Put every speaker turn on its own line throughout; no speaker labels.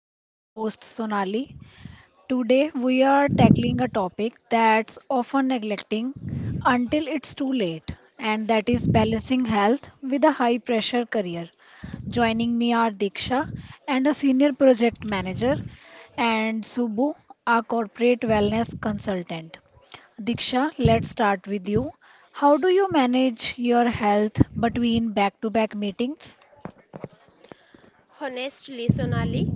I'm your host Sonali. Today we are tackling a topic that's often neglecting until it's too late, and that is balancing health with a high pressure career. Joining me are Diksha and a senior project manager, and Subbu, a corporate wellness consultant. Diksha, let's start with you. How do you manage your health between back to back meetings?
Honestly, Sonali,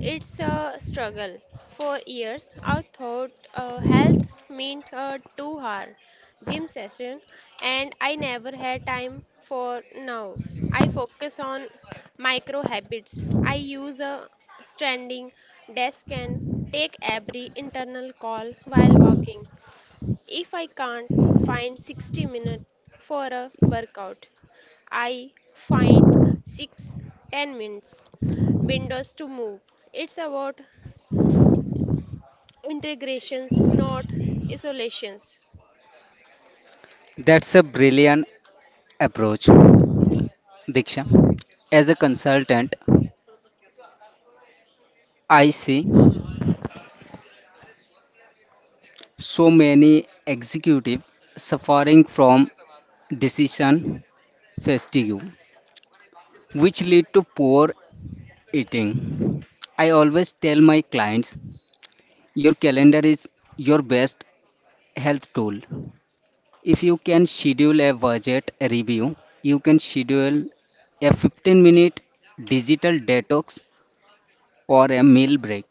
it's a struggle. For years, I thought health meant a 2 hour gym session, and I never had time for now. I focus on micro habits. I use a standing desk and take every internal call while walking. If I can't find 60 minutes for a workout, I find 6, 10 minutes windows to move. It's about integrations, not isolations.
That's a brilliant approach, Diksha. As a consultant, I see so many executives suffering from decision fatigue, which lead to poor eating. I always tell my clients, your calendar is your best health tool. If you can schedule a budget review, you can schedule a 15-minute digital detox or a meal break.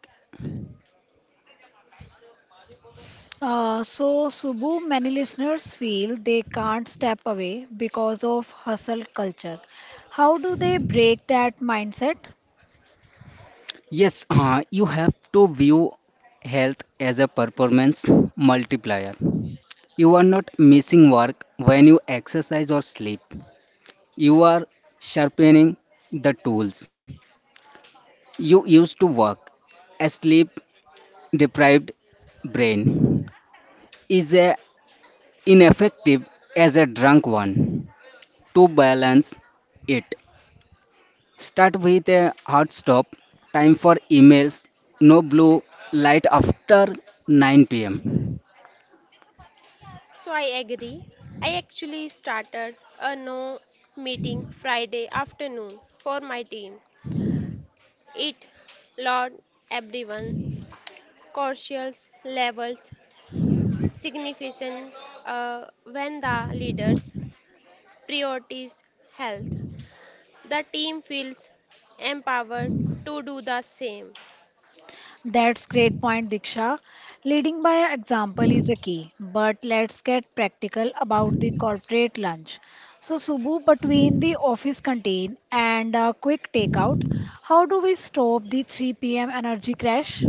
Subbu, many listeners feel they can't step away because of hustle culture. How do they break that mindset?
Yes, you have to view health as a performance multiplier. You are not missing work when you exercise or sleep. You are sharpening the tools you used to work. A sleep deprived brain is a ineffective as a drunk one. To balance it, start with a hard stop. Time for emails. No blue light after 9 pm.
So I agree. I actually started a no meeting Friday afternoon for my team. It Lord everyone cautious levels significant when the leaders priorities health. The team feels empowered to do the same.
That's great point, Diksha. Leading by example is a key, but let's get practical about the corporate lunch. So, Subbu, between the office canteen and a quick takeout, how do we stop the 3 p.m. energy crash?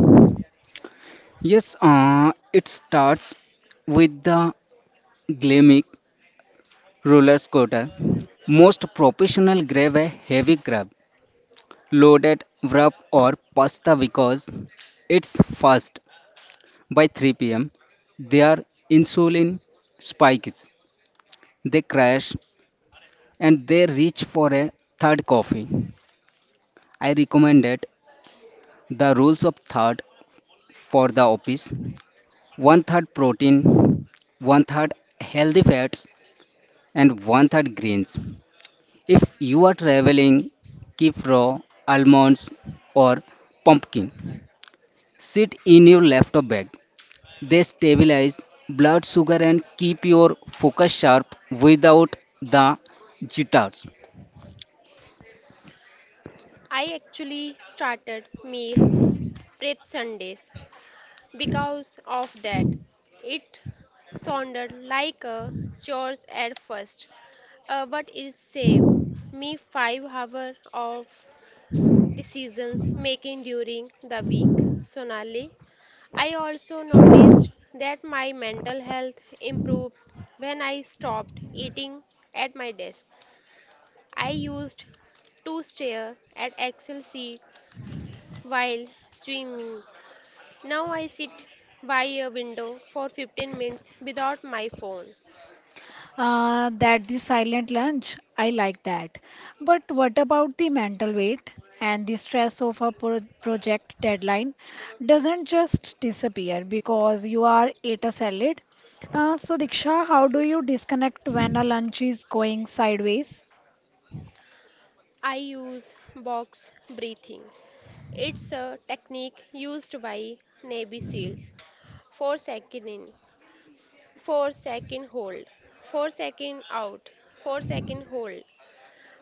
Yes, it starts with the glamic roller scooter. Most professional grab a heavy crab, loaded wrap or pasta because it's fast. By 3 p.m., their insulin spikes. They crash and they reach for a third coffee. I recommend it. The rules of third for the office, one third protein, one third healthy fats, and one third grains. If you are traveling, keep raw almonds or pumpkin. Sit in your laptop bag. They stabilize blood sugar and keep your focus sharp without the jitters.
I actually started meal prep Sundays because of that. It sounded like a chore at first, but it saved me 5 hours of decisions making during the week. Sonali, I also noticed that my mental health improved when I stopped eating at my desk. I used to stare at Excel sheet while dreaming. Now I sit by a window for 15 minutes without my phone.
That the silent lunch, I like that. But what about the mental weight and the stress of a project deadline doesn't just disappear because you are ate a salad. So Diksha, how do you disconnect when a lunch is going sideways?
I use box breathing. It's a technique used by Navy SEALs. 4 second in, 4-second hold, 4-second out, 4-second hold.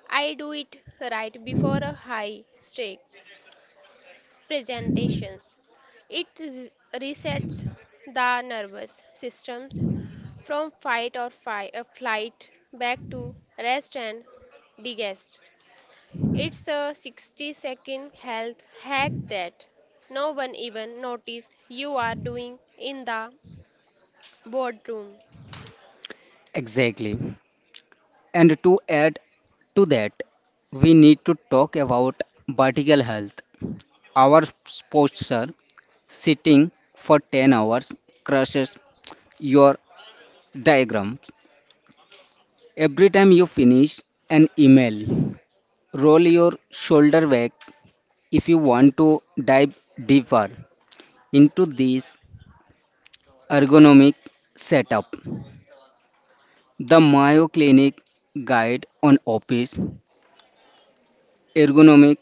I do it right before a high stakes presentations. It resets the nervous systems from fight or flight back to rest and digest. It's a 60-second health hack that no one even notice you are doing in the boardroom.
Exactly. And to add to that, we need to talk about vertical health. Our posture, sitting for 10 hours, crushes your diagrams. Every time you finish an email, roll your shoulder back if you want to dive deeper into this ergonomic setup. The Mayo Clinic Guide on Office Ergonomic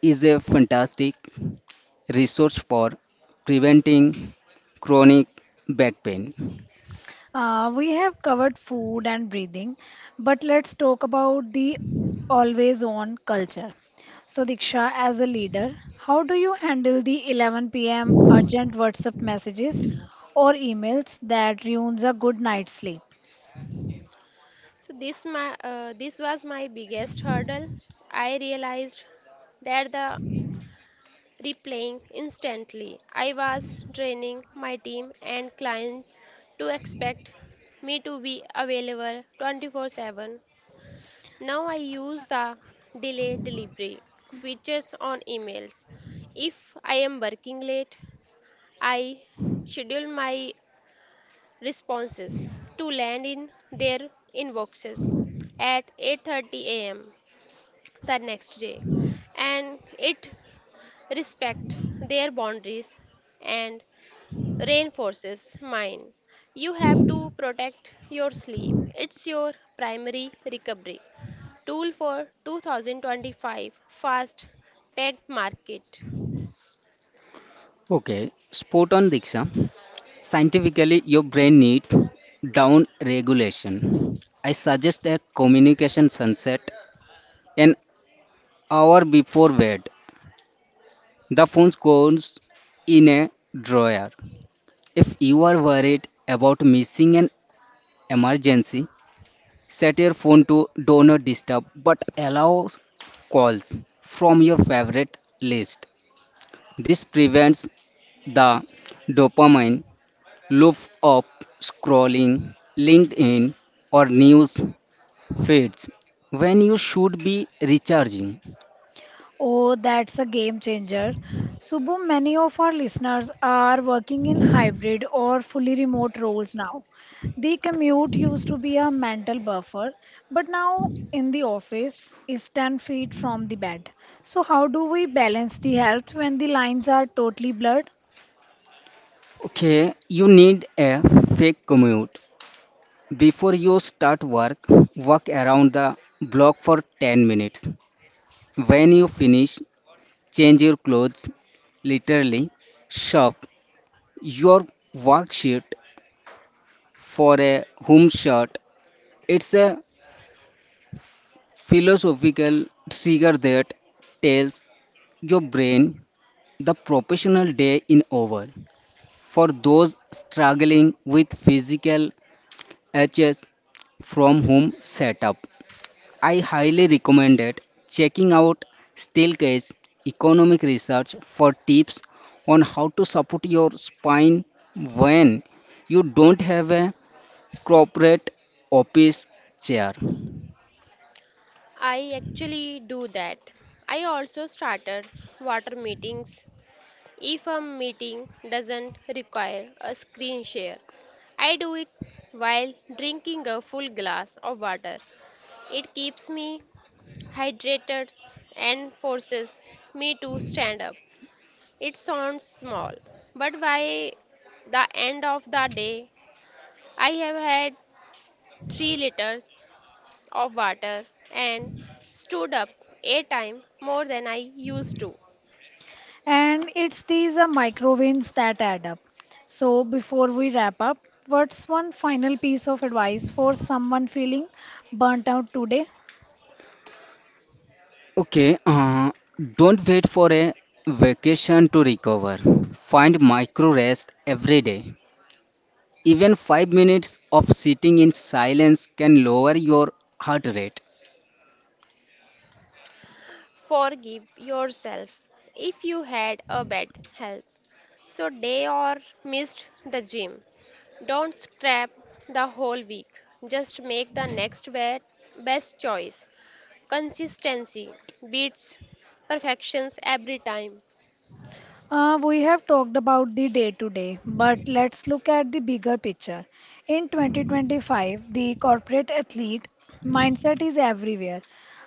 is a fantastic resource for preventing chronic back pain.
We have covered food and breathing, but let's talk about the always on culture. So, Diksha, as a leader, how do you handle the 11 p.m. urgent WhatsApp messages or emails that ruins a good night's sleep?
This was my biggest hurdle. I realized that the replaying instantly. I was training my team and clients to expect me to be available 24/7. Now I use the delay delivery features on emails. If I am working late, I schedule my responses to land in their inboxes at 8:30 a.m. the next day and it respect their boundaries and reinforces mine. You have to protect your sleep. It's your primary recovery tool for 2025 fast packed market.
Okay, spot on Diksha. Scientifically, your brain needs down regulation. I suggest a communication sunset an hour before bed. The phone goes in a drawer. If you are worried about missing an emergency, set your phone to do not disturb but allow calls from your favorite list. This prevents the dopamine loop of scrolling LinkedIn or news feeds when you should be recharging.
Oh, that's a game changer. Subbu, many of our listeners are working in hybrid or fully remote roles now. The commute used to be a mental buffer, but now in the office is 10 feet from the bed. So, how do we balance the health when the lines are totally blurred?
Okay, you need a fake commute. Before you start work, walk around the block for 10 minutes. When you finish, change your clothes, literally. Shop your work shirt for a home shirt. It's a philosophical trigger that tells your brain the professional day is over. For those struggling with physical aches from home setup, I highly recommend it. Checking out Steelcase Economic Research for tips on how to support your spine when you don't have a corporate office chair.
I actually do that. I also started water meetings. If a meeting doesn't require a screen share, I do it while drinking a full glass of water. It keeps me hydrated and forces me to stand up. It sounds small, but by the end of the day, I have had 3 liters of water and stood up a time more than I used to.
And it's these micro wins that add up. So, before we wrap up, what's one final piece of advice for someone feeling burnt out today?
Okay, don't wait for a vacation to recover. Find micro rest every day. Even 5 minutes of sitting in silence can lower your heart rate.
Forgive yourself if you had a bad health so day or missed the gym. Don't scrap the whole week. Just make the next best choice. Consistency beats perfections every time.
We have talked about the day to day, but let's look at the bigger picture. In 2025, the corporate athlete mindset is everywhere.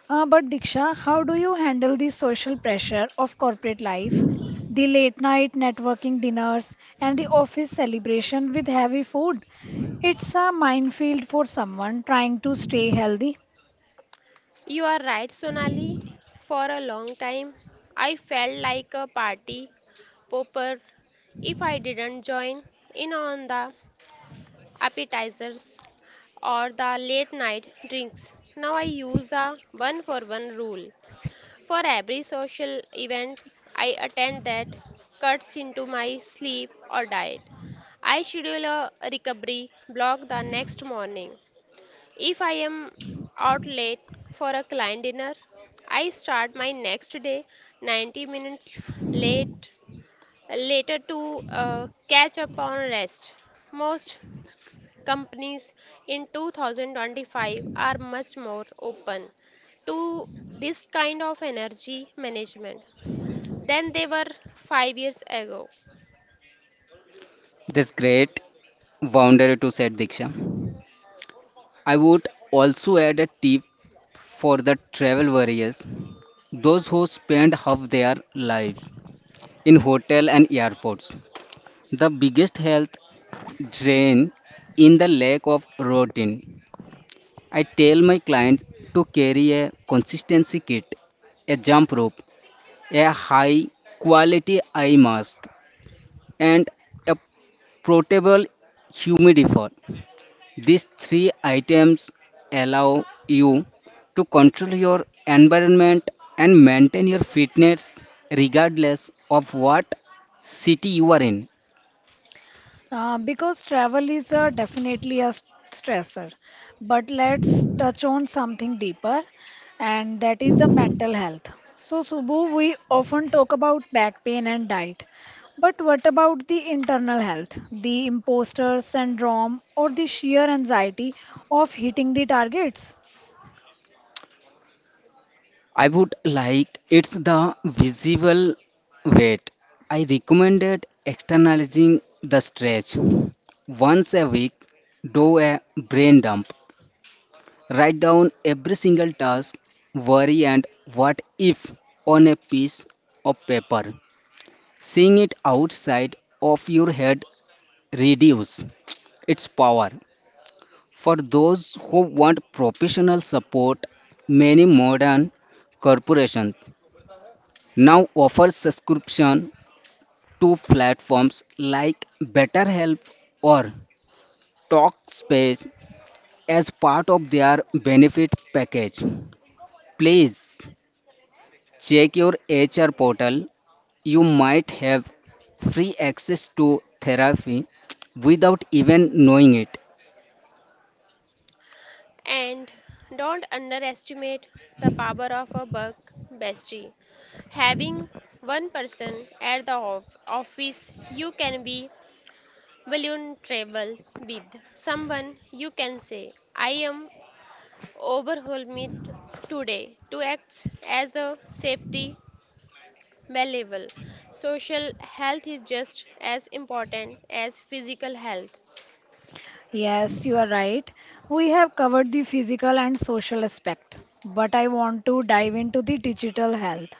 But Diksha, how do you handle the social pressure of corporate life, the late night networking dinners, and the office celebration with heavy food? It's a minefield for someone trying to stay healthy.
You are right, Sonali. For a long time, I felt like a party popper if I didn't join in on the appetizers or the late night drinks. Now I use the one for one rule. For every social event I attend that cuts into my sleep or diet. I schedule a recovery block the next morning. If I am out late for a client dinner, I start my next day 90 minutes late later to catch up on rest. Most companies in 2025 are much more open to this kind of energy management than they were 5 years ago.
This great boundary to set Diksha. I would also add a tip for the travel warriors, those who spend half their lives in hotel and airports. The biggest health drain in the lack of routine. I tell my clients to carry a consistency kit, a jump rope, a high quality eye mask, and a portable humidifier. These 3 items allow you to control your environment and maintain your fitness regardless of what city you are in.
Because travel is definitely a stressor. But let's touch on something deeper, and that is the mental health. So, Subbu, we often talk about back pain and diet. But what about the internal health, the imposter syndrome, or the sheer anxiety of hitting the targets?
I would like it's the visible weight. I recommended externalizing the stretch once a week, do a brain dump. Write down every single task, worry, and what if on a piece of paper. Seeing it outside of your head reduce its power. For those who want professional support, many modern corporations now offer subscription to platforms like BetterHelp or TalkSpace as part of their benefit package. Please check your HR portal. You might have free access to therapy without even knowing it.
And don't underestimate the power of a buck bestie. Having one person at the office you can be vulnerable with. Someone you can say, I am overwhelmed today, to act as a safety valuable. Social health is just as important as physical health.
Yes, you are right. We have covered the physical and social aspect, but I want to dive into the digital health.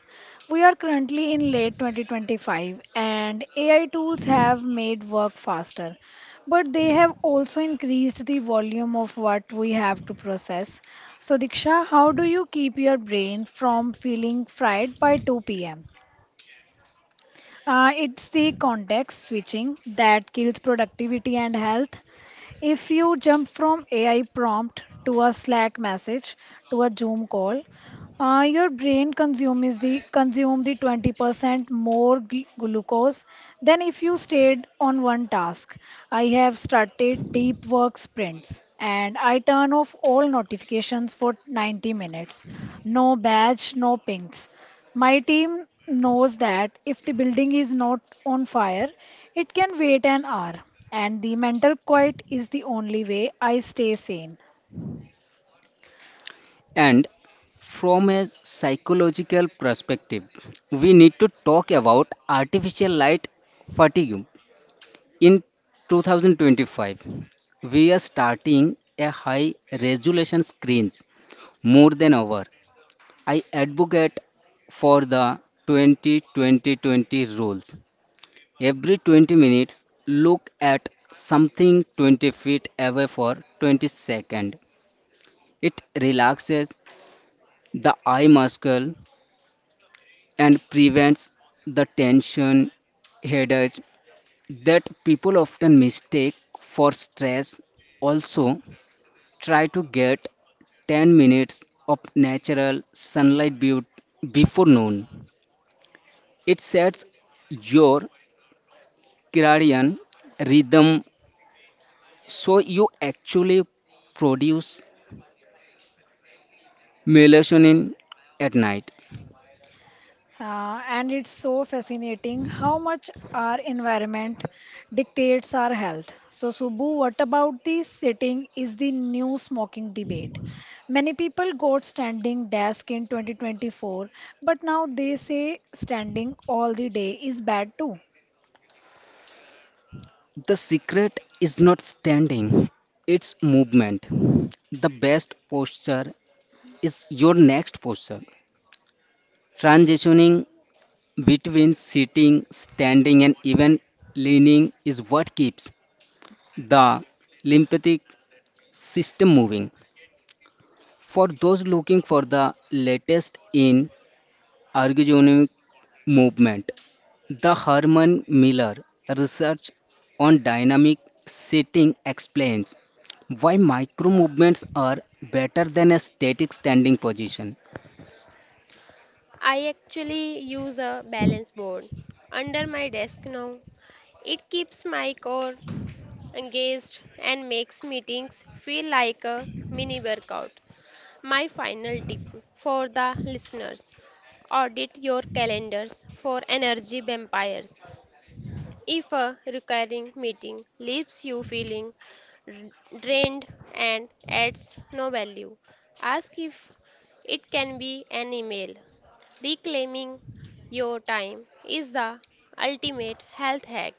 We are currently in late 2025 and AI tools have made work faster, but they have also increased the volume of what we have to process. So, Diksha, how do you keep your brain from feeling fried by 2 p.m.? It's the context switching that kills productivity and health. If you jump from AI prompt to a Slack message to a Zoom call, your brain consume the 20% more glucose than if you stayed on one task. I have started deep work sprints and I turn off all notifications for 90 minutes. No badge, no pings. My team knows that if the building is not on fire, it can wait an hour, and the mental quiet is the only way I stay sane.
And from a psychological perspective, we need to talk about artificial light fatigue. In 2025, we are starting a high resolution screens more than ever. I advocate for the 20 20 20 rules. Every 20 minutes, look at something 20 feet away for 20 seconds. It relaxes the eye muscle and prevents the tension headache that people often mistake for stress. Also, try to get 10 minutes of natural sunlight before noon. It sets your circadian rhythm so you actually produce melatonin at night.
And it's so fascinating how much our environment dictates our health. So, Subbu, what about the sitting is the new smoking debate? Many people got standing desk in 2024, but now they say standing all the day is bad too.
The secret is not standing, it's movement. The best posture is your next posture. Transitioning between sitting, standing, and even leaning is what keeps the lymphatic system moving. For those looking for the latest in Archegonic movement. The Herman Miller research on dynamic seating explains why micro movements are better than a static standing position.
I actually use a balance board under my desk now. It keeps my core engaged and makes meetings feel like a mini workout. My final tip for the listeners audit your calendars for energy vampires. If a recurring meeting leaves you feeling drained and adds no value, ask if it can be an email. Reclaiming your time is the ultimate health hack.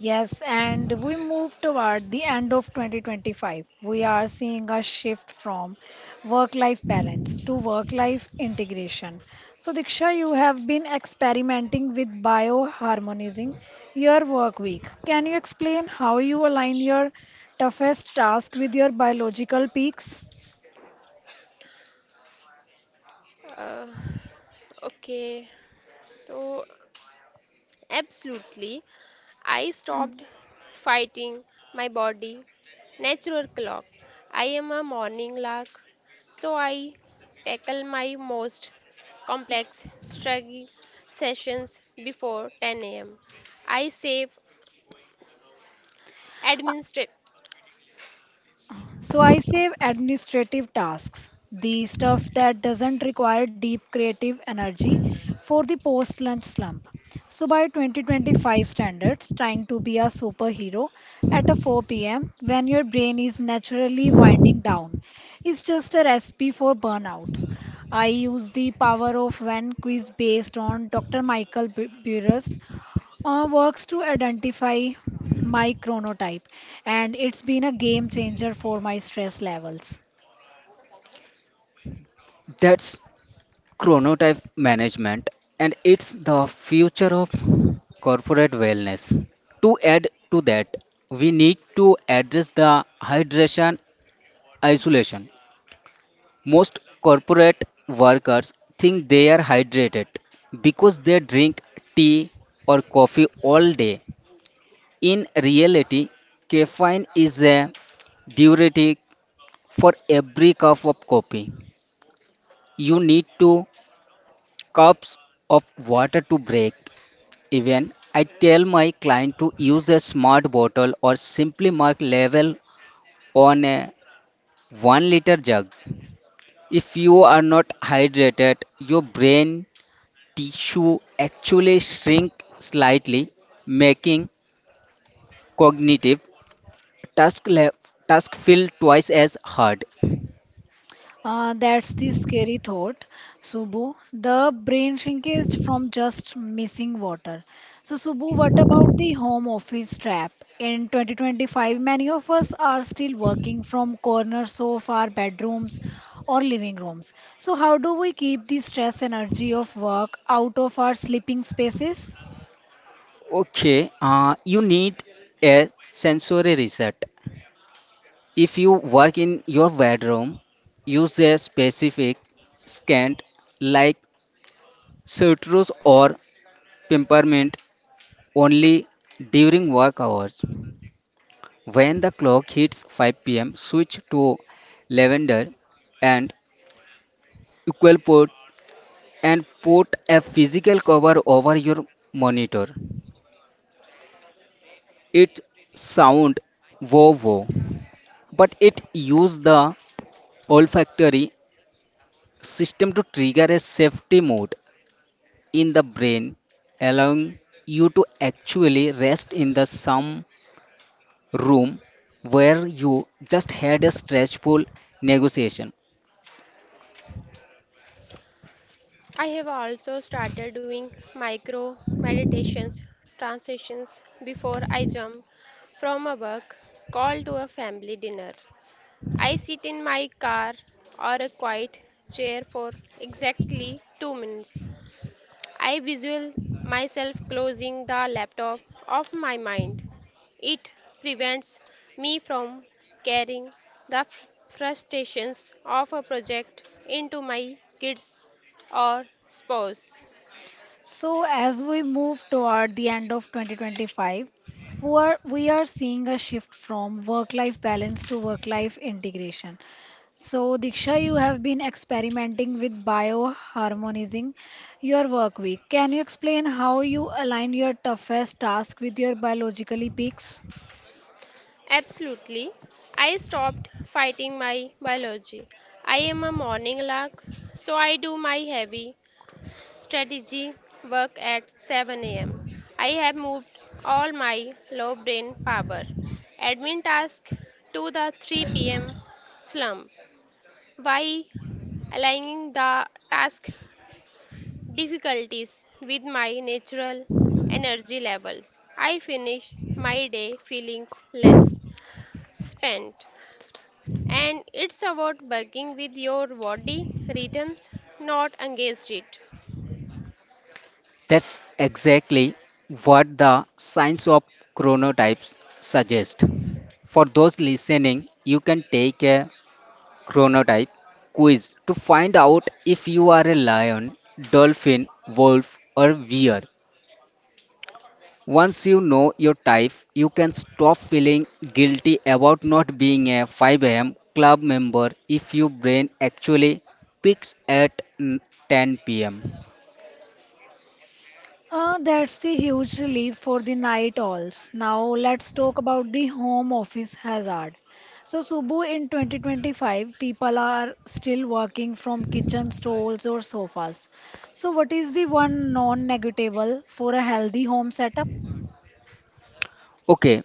Yes, and we move toward the end of 2025. We are seeing a shift from work-life balance to work-life integration. So, Diksha, you have been experimenting with bioharmonizing your work week. Can you explain how you align your toughest task with your biological peaks?
Uh, okay, so absolutely. I stopped fighting my body. Natural clock. I am a morning lark, so I tackle my most complex strategy sessions before 10 a.m. I save administrate.
So I save administrative tasks, the stuff that doesn't require deep creative energy for the post-lunch slump. So by 2025 standards, trying to be a superhero at a 4 p.m. when your brain is naturally winding down is just a recipe for burnout. I use the power of one quiz based on Dr. Michael Burr's works to identify my chronotype, and it's been a game changer for my stress levels.
That's chronotype management, and it's the future of corporate wellness. To add to that, we need to address the hydration isolation. Most corporate workers think they are hydrated because they drink tea or coffee all day. In reality, caffeine is a diuretic for every cup of coffee. You need 2 cups of water to break. Even I tell my client to use a smart bottle or simply mark level on a 1 liter jug. If you are not hydrated, your brain tissue actually shrink slightly, making cognitive task le- task feel twice as hard.
That's the scary thought, Subbu. The brain shrinkage from just missing water. So, Subbu, what about the home office trap? In 2025, many of us are still working from corners of our bedrooms or living rooms. So, how do we keep the stress energy of work out of our sleeping spaces?
Okay, you need a sensory reset. If you work in your bedroom, use a specific scent like citrus or peppermint only during work hours. When the clock hits 5 p.m., switch to lavender and equal and put a physical cover over your monitor. It sound wow wow, but it use the olfactory system to trigger a safety mode in the brain, allowing you to actually rest in the some room where you just had a stressful negotiation.
I have also started doing micro meditations, transitions before I jump from a work call to a family dinner. I sit in my car or a quiet chair for exactly 2 minutes. I visual myself closing the laptop of my mind. It prevents me from carrying the frustrations of a project into my kids or spouse.
So, as we move toward the end of 2025, we are seeing a shift from work life balance to work life integration. So, Diksha, you have been experimenting with bioharmonizing your work week. Can you explain how you align your toughest task with your biologically peaks?
Absolutely. I stopped fighting my biology. I am a morning lark, so I do my heavy strategy work at 7 a.m. I have moved all my low brain power admin task to the 3 p.m. slump by aligning the task difficulties with my natural energy levels. I finish my day feeling less spent. And it's about working with your body rhythms, not against it.
That's exactly what the science of chronotypes suggest. For those listening, you can take a chronotype quiz to find out if you are a lion, dolphin, wolf, or bear. Once you know your type, you can stop feeling guilty about not being a 5 a.m. club member if your brain actually peaks at 10 p.m.
That's a huge relief for the night owls. Now let's talk about the home office hazard. So Subbu, in 2025, people are still working from kitchen stalls or sofas. So what is the one non-negotiable for a healthy home setup?
Okay,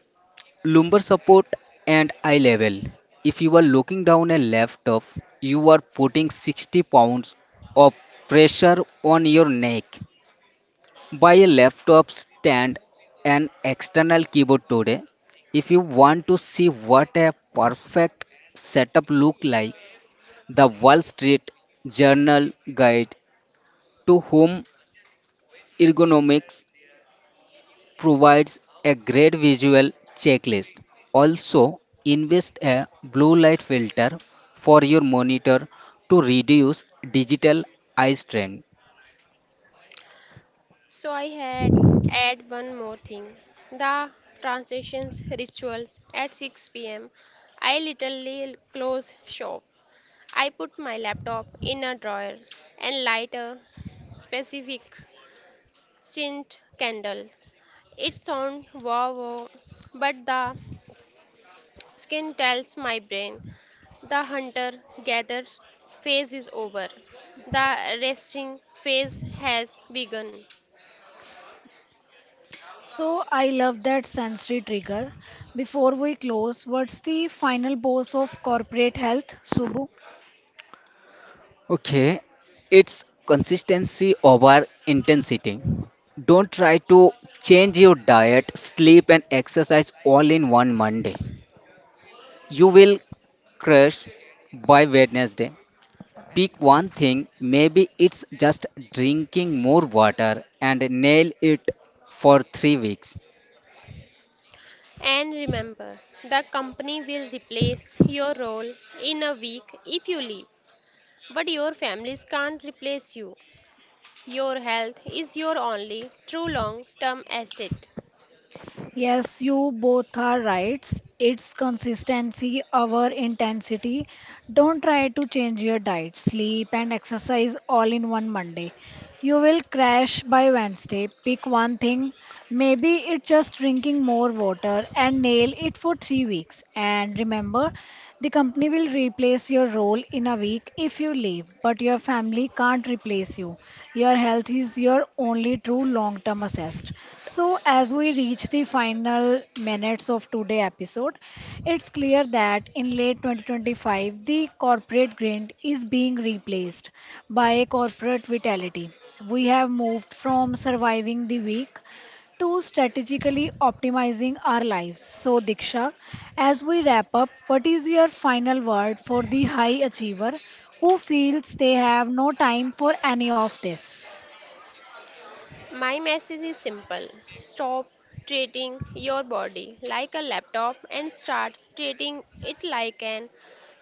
lumbar support and eye level. If you are looking down a laptop, you are putting 60 pounds of pressure on your neck. Buy a laptop stand and external keyboard today. If you want to see what a perfect setup look like, the Wall Street Journal guide to home ergonomics provides a great visual checklist. Also, invest a blue light filter for your monitor to reduce digital eye strain.
So I had add one more thing. The transitions rituals at 6 pm. I literally close shop. I put my laptop in a drawer and light a specific scent candle. It sounds wow, wow, but the skin tells my brain the hunter gatherer phase is over. The resting phase has begun.
So I love that sensory trigger. Before we close, what's the final boss of corporate health, Subbu?
Okay, it's consistency over intensity. Don't try to change your diet, sleep, and exercise all in one Monday. You will crash by Wednesday. Pick one thing, maybe it's just drinking more water and nail it for 3 weeks.
And remember, the company will replace your role in a week if you leave, but your families can't replace you. Your health is your only true long term asset.
Yes, you both are right. It's consistency over intensity. Don't try to change your diet, sleep, and exercise all in one Monday. You will crash by Wednesday. Pick one thing. Maybe it's just drinking more water and nail it for 3 weeks. And remember, the company will replace your role in a week if you leave, but your family can't replace you. Your health is your only true long term assessed. So, as we reach the final minutes of today's episode, it's clear that in late 2025, the corporate grind is being replaced by corporate vitality. We have moved from surviving the week to strategically optimizing our lives. So, Diksha, as we wrap up, what is your final word for the high achiever who feels they have no time for any of this?
My message is simple stop treating your body like a laptop and start treating it like an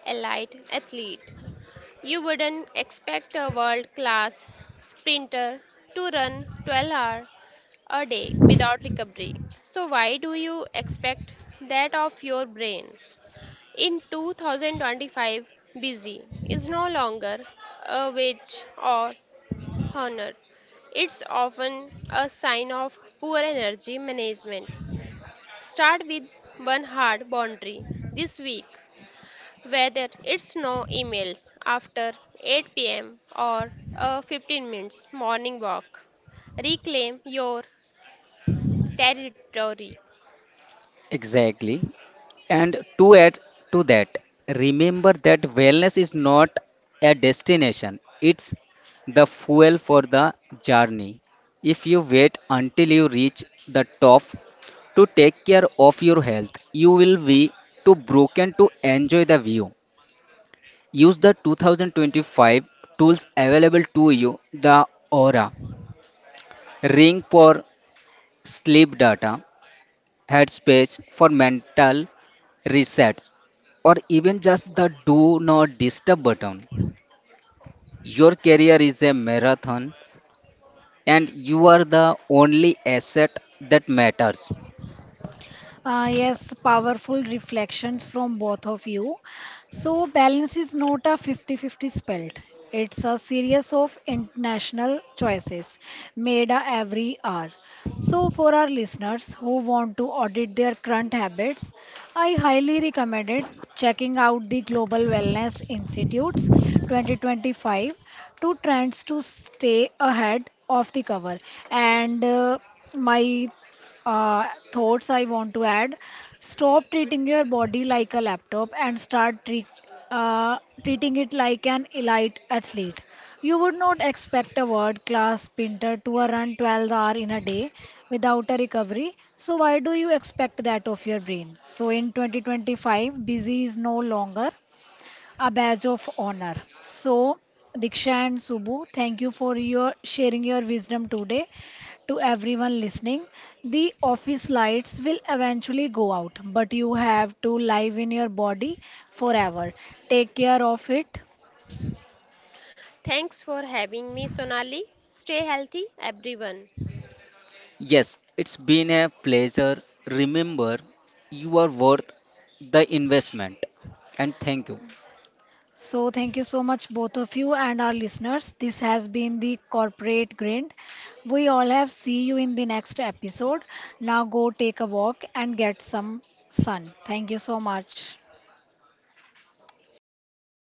elite athlete. You wouldn't expect a world class sprinter to run 12 hour a day without recovery. So, why do you expect that of your brain? In 2025, busy is no longer a wage or honor. It's often a sign of poor energy management. Start with one hard boundary this week, whether it's no emails after 8 p.m. or a 15 minutes morning walk. Reclaim your territory.
Exactly. And to add to that, remember that wellness is not a destination, it's the fuel for the journey. If you wait until you reach the top to take care of your health, you will be too broken to enjoy the view. Use the 2025 tools available to you the Aura Ring for sleep data, Headspace for mental resets, or even just the do not disturb button. Your career is a marathon and you are the only asset that matters.
Yes, powerful reflections from both of you. So, balance is not a 50-50 spelt. It's a series of international choices made every hour. So, for our listeners who want to audit their current habits, I highly recommend it checking out the Global Wellness Institute's 2025 two trends to stay ahead of the cover and my thoughts I want to add. Stop treating your body like a laptop and start uh, treating it like an elite athlete. You would not expect a world class sprinter to a run 12 hours in a day without a recovery. So, why do you expect that of your brain? So, in 2025, busy is no longer a badge of honor. So, Diksha and Subbu, thank you for your sharing your wisdom today to everyone listening. The office lights will eventually go out, but you have to live in your body forever. Take care of it.
Thanks for having me, Sonali. Stay healthy, everyone.
Yes, it's been a pleasure. Remember, you are worth the investment. And thank you.
So, thank you so much, both of you and our listeners. This has been the corporate grind. We all have see you in the next episode. Now, go take a walk and get some sun. Thank you so much.